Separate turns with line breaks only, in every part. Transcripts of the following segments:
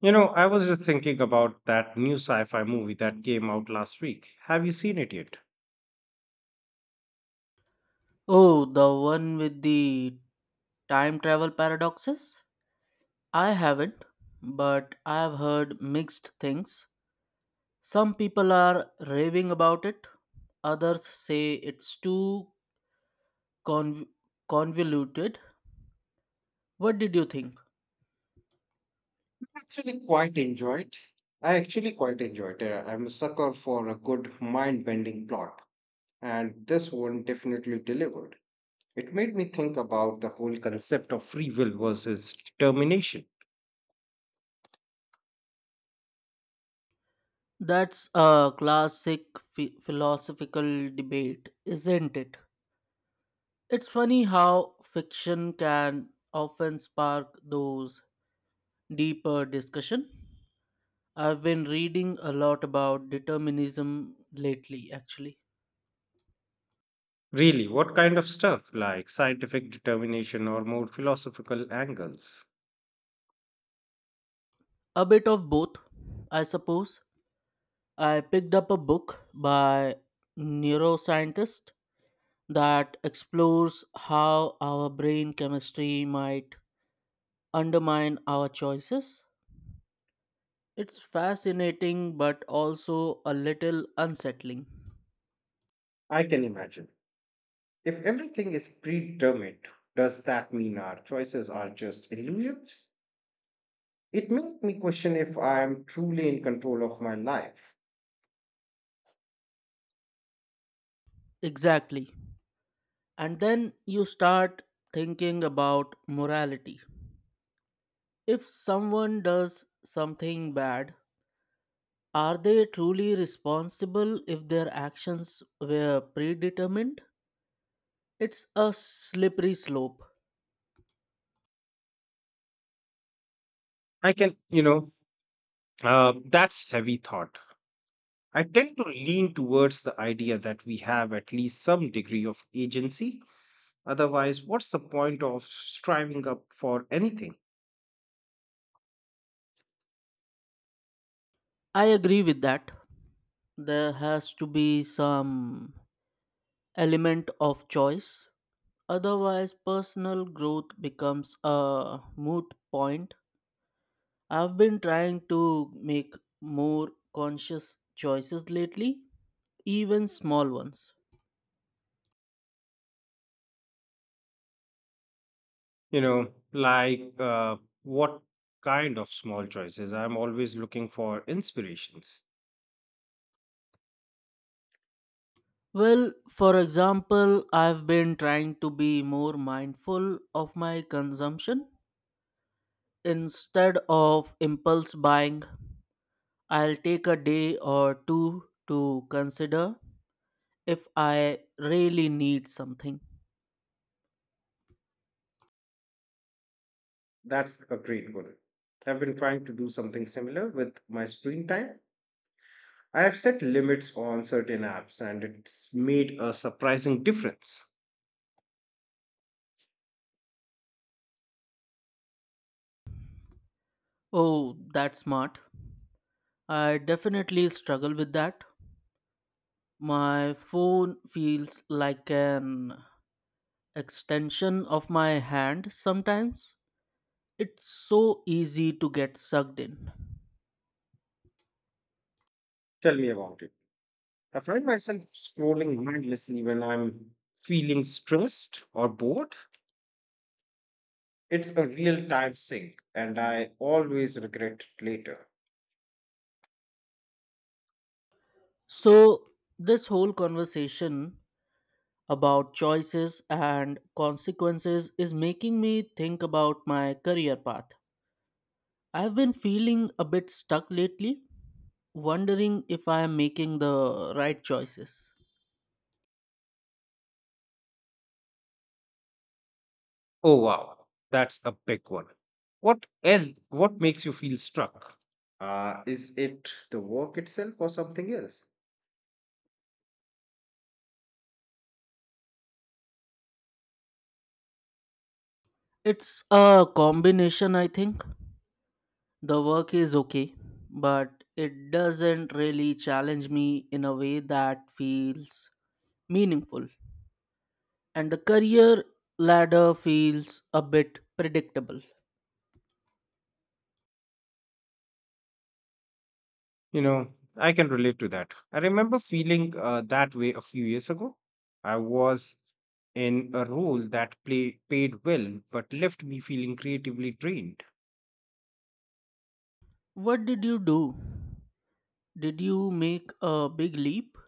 You know, I was just thinking about that new sci fi movie that came out last week. Have you seen it yet?
Oh, the one with the time travel paradoxes? I haven't, but I've heard mixed things. Some people are raving about it, others say it's too conv- convoluted. What did you think?
Actually, quite enjoyed. I actually quite enjoyed it. I'm a sucker for a good mind-bending plot, and this one definitely delivered. It made me think about the whole concept of free will versus determination.
That's a classic philosophical debate, isn't it? It's funny how fiction can often spark those deeper discussion. I've been reading a lot about determinism lately, actually.
Really, what kind of stuff? Like scientific determination or more philosophical angles?
A bit of both, I suppose. I picked up a book by neuroscientist that explores how our brain chemistry might undermine our choices. It's fascinating but also a little unsettling.
I can imagine. If everything is predetermined, does that mean our choices are just illusions? It made me question if I am truly in control of my life.
Exactly. And then you start thinking about morality. If someone does something bad, are they truly responsible if their actions were predetermined? It's a slippery slope.
I can, that's heavy thought. I tend to lean towards the idea that we have at least some degree of agency. Otherwise, what's the point of striving up for anything?
I agree with that. There has to be some element of choice. Otherwise, personal growth becomes a moot point. I've been trying to make more conscious choices lately, even small ones.
You know, what kind of small choices? I'm always looking for inspirations.
Well, for example, I've been trying to be more mindful of my consumption. Instead of impulse buying, I'll take a day or two to consider if I really need something.
That's a great goal. I've been trying to do something similar with my screen time. I have set limits on certain apps and it's made a surprising difference.
Oh, that's smart. I definitely struggle with that. My phone feels like an extension of my hand sometimes. It's so easy to get sucked in.
Tell me about it. I find myself scrolling mindlessly when I'm feeling stressed or bored. It's a real time sink and I always regret it later.
So, this whole conversation about choices and consequences is making me think about my career path. I've been feeling a bit stuck lately, wondering if I am making the right choices.
Oh wow, that's a big one. What else? What makes you feel stuck? Is it the work itself or something else?
It's a combination, I think. The work is okay, but it doesn't really challenge me in a way that feels meaningful. And the career ladder feels a bit predictable.
You know, I can relate to that. I remember feeling that way a few years ago. I was in a role that paid well but left me feeling creatively drained.
What did you do? Did you make a big leap?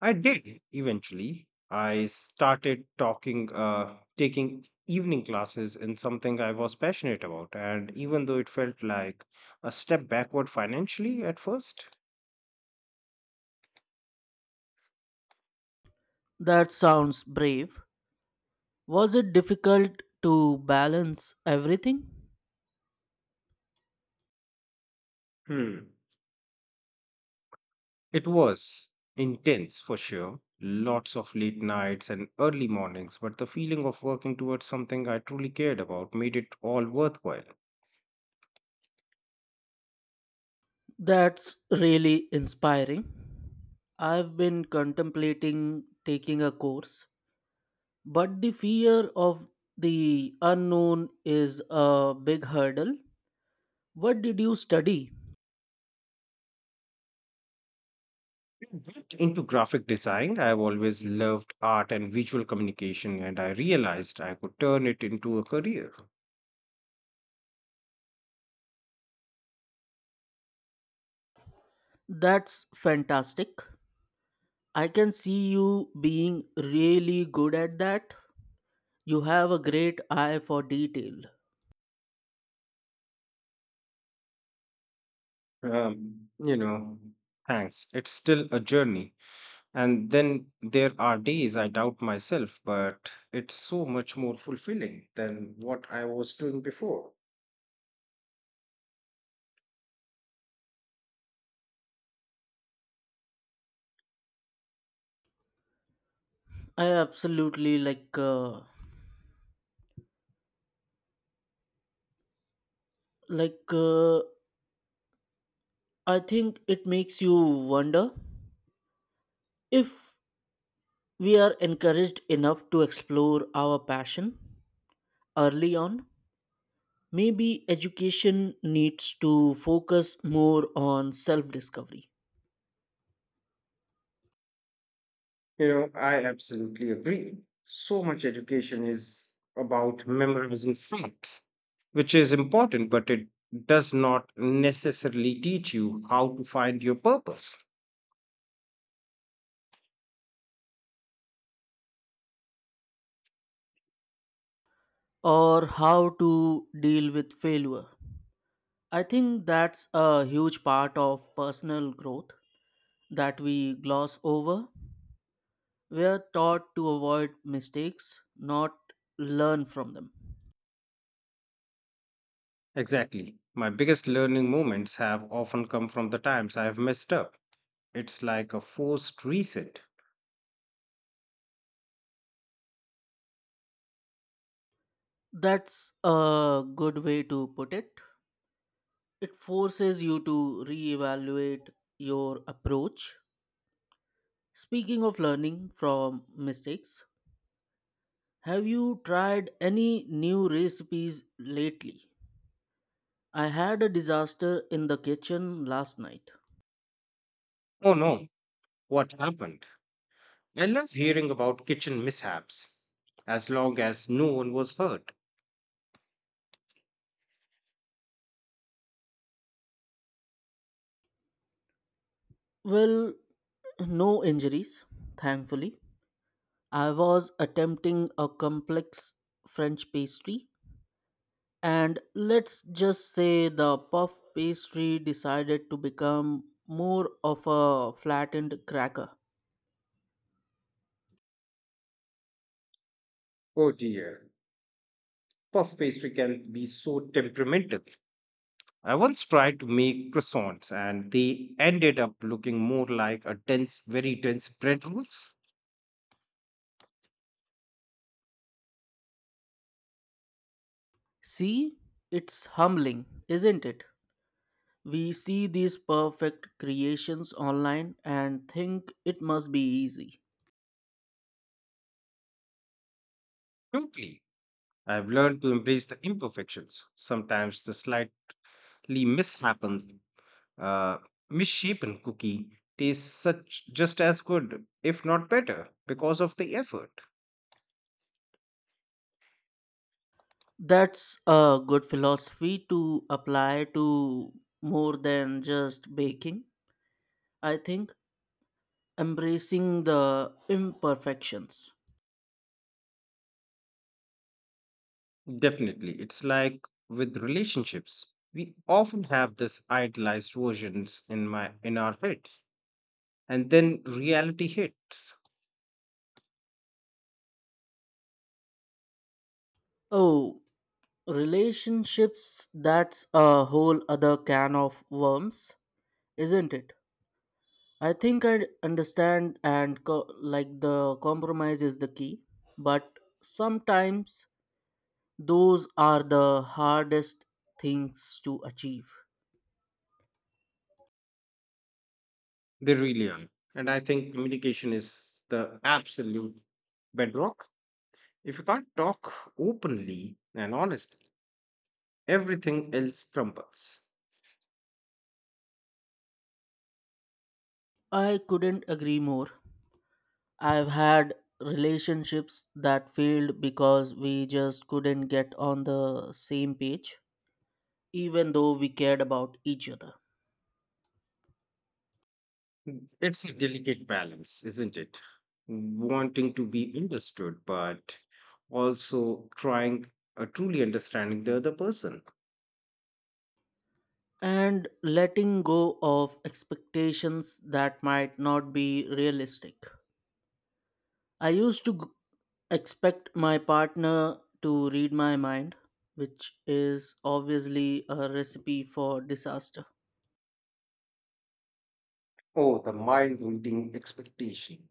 I did eventually. I started taking evening classes in something I was passionate about, and even though it felt like a step backward financially at first,
That sounds brave. Was it difficult to balance everything?
hmm. It was intense for sure. Lots of late nights and early mornings, but the feeling of working towards something I truly cared about made it all worthwhile.
That's really inspiring. I've been contemplating taking a course, but the fear of the unknown is a big hurdle. What did you study?
I went into graphic design. I've always loved art and visual communication, and I realized I could turn it into a career.
That's fantastic. I can see you being really good at that. You have a great eye for detail.
You know, thanks. It's still a journey. And then there are days I doubt myself, but it's so much more fulfilling than what I was doing before.
I absolutely like uh, I think it makes you wonder if we are encouraged enough to explore our passion early on. Maybe education needs to focus more on self discovery
You know, I absolutely agree. So much education is about memorizing facts, which is important, but it does not necessarily teach you how to find your purpose.
or how to deal with failure. I think that's a huge part of personal growth that we gloss over. We're taught to avoid mistakes, not learn from them.
Exactly. My biggest learning moments have often come from the times I have messed up. It's like a forced reset.
That's a good way to put it. It forces you to reevaluate your approach. Speaking of learning from mistakes, have you tried any new recipes lately? I had a disaster in the kitchen last night.
Oh no, what happened? I love hearing about kitchen mishaps, as long as no one was hurt.
Well, no injuries, thankfully. I was attempting a complex French pastry. And let's just say the puff pastry decided to become more of a flattened cracker.
Oh dear, puff pastry can be so temperamental. I once tried to make croissants and they ended up looking more like a dense, very dense bread rolls.
See, it's humbling, isn't it? We see these perfect creations online and think it must be easy.
Totally. I've learned to embrace the imperfections. Sometimes the slightly mishapen, uh, misshapen cookie tastes such just as good, if not better, because of the effort.
That's a good philosophy to apply to more than just baking. I think embracing the imperfections.
Definitely. It's like with relationships. We often have this idealized versions in our heads. And then reality hits.
Oh, relationships, that's a whole other can of worms, isn't it? I think I understand, like the compromise is the key, but sometimes those are the hardest things to achieve.
They really are. And I think communication is the absolute bedrock. If you can't talk openly and honestly, everything else crumbles.
I couldn't agree more. I've had relationships that failed because we just couldn't get on the same page, even though we cared about each other.
It's a delicate balance, isn't it? Wanting to be understood, but also trying truly understanding the other person.
And letting go of expectations that might not be realistic. I used to g- expect my partner to read my mind, which is obviously a recipe for disaster.
Oh, the mind reading expectation.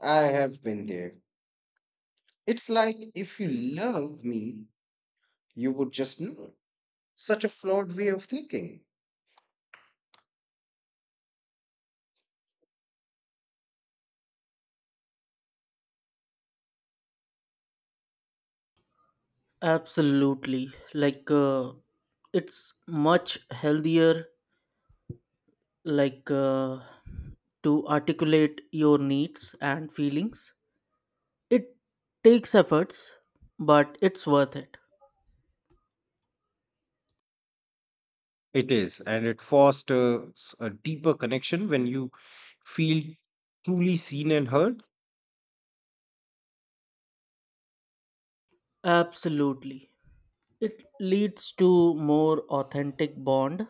I have been there. It's like if you love me, you would just know. Such a flawed way of thinking.
Absolutely. It's much healthier, like, uh, to articulate your needs and feelings. It takes efforts, but it's worth it.
It is, and it fosters a deeper connection when you feel truly seen and heard.
Absolutely. It leads to more authentic bond.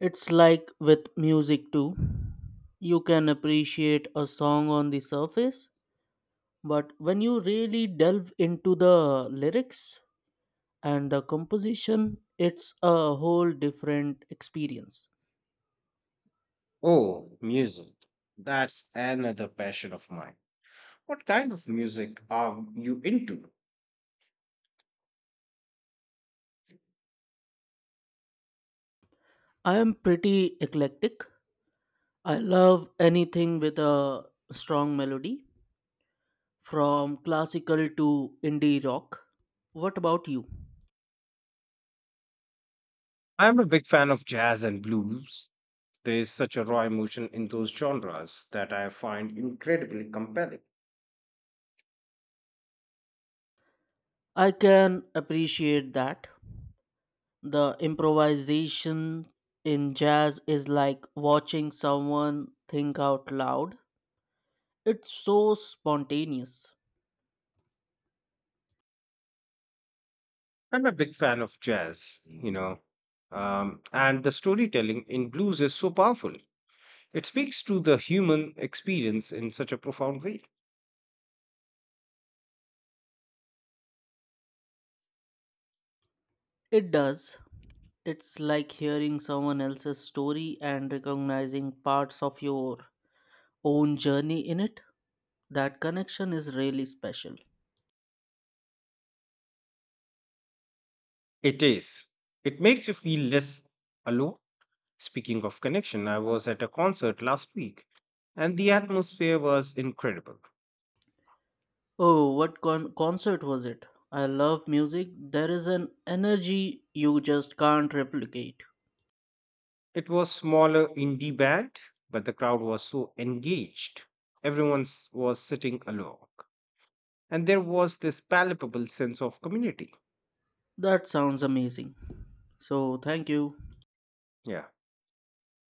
It's like with music too. You can appreciate a song on the surface, but when you really delve into the lyrics and the composition, it's a whole different experience.
Oh, music. That's another passion of mine. What kind of music are you into?
I am pretty eclectic. I love anything with a strong melody, from classical to indie rock. What about you?
I'm a big fan of jazz and blues. There is such a raw emotion in those genres that I find incredibly compelling.
I can appreciate that. The improvisation in jazz is like watching someone think out loud. It's so spontaneous.
I'm a big fan of jazz, and the storytelling in blues is so powerful. It speaks to the human experience in such a profound way.
It does. It's like hearing someone else's story and recognizing parts of your own journey in it. That connection is really special.
It is. It makes you feel less alone. Speaking of connection, I was at a concert last week and the atmosphere was incredible.
Oh, what concert was it? I love music. There is an energy you just can't replicate.
It was smaller indie band, but the crowd was so engaged. Was sitting along and there was this palpable sense of community.
That sounds amazing. So, thank you.
Yeah.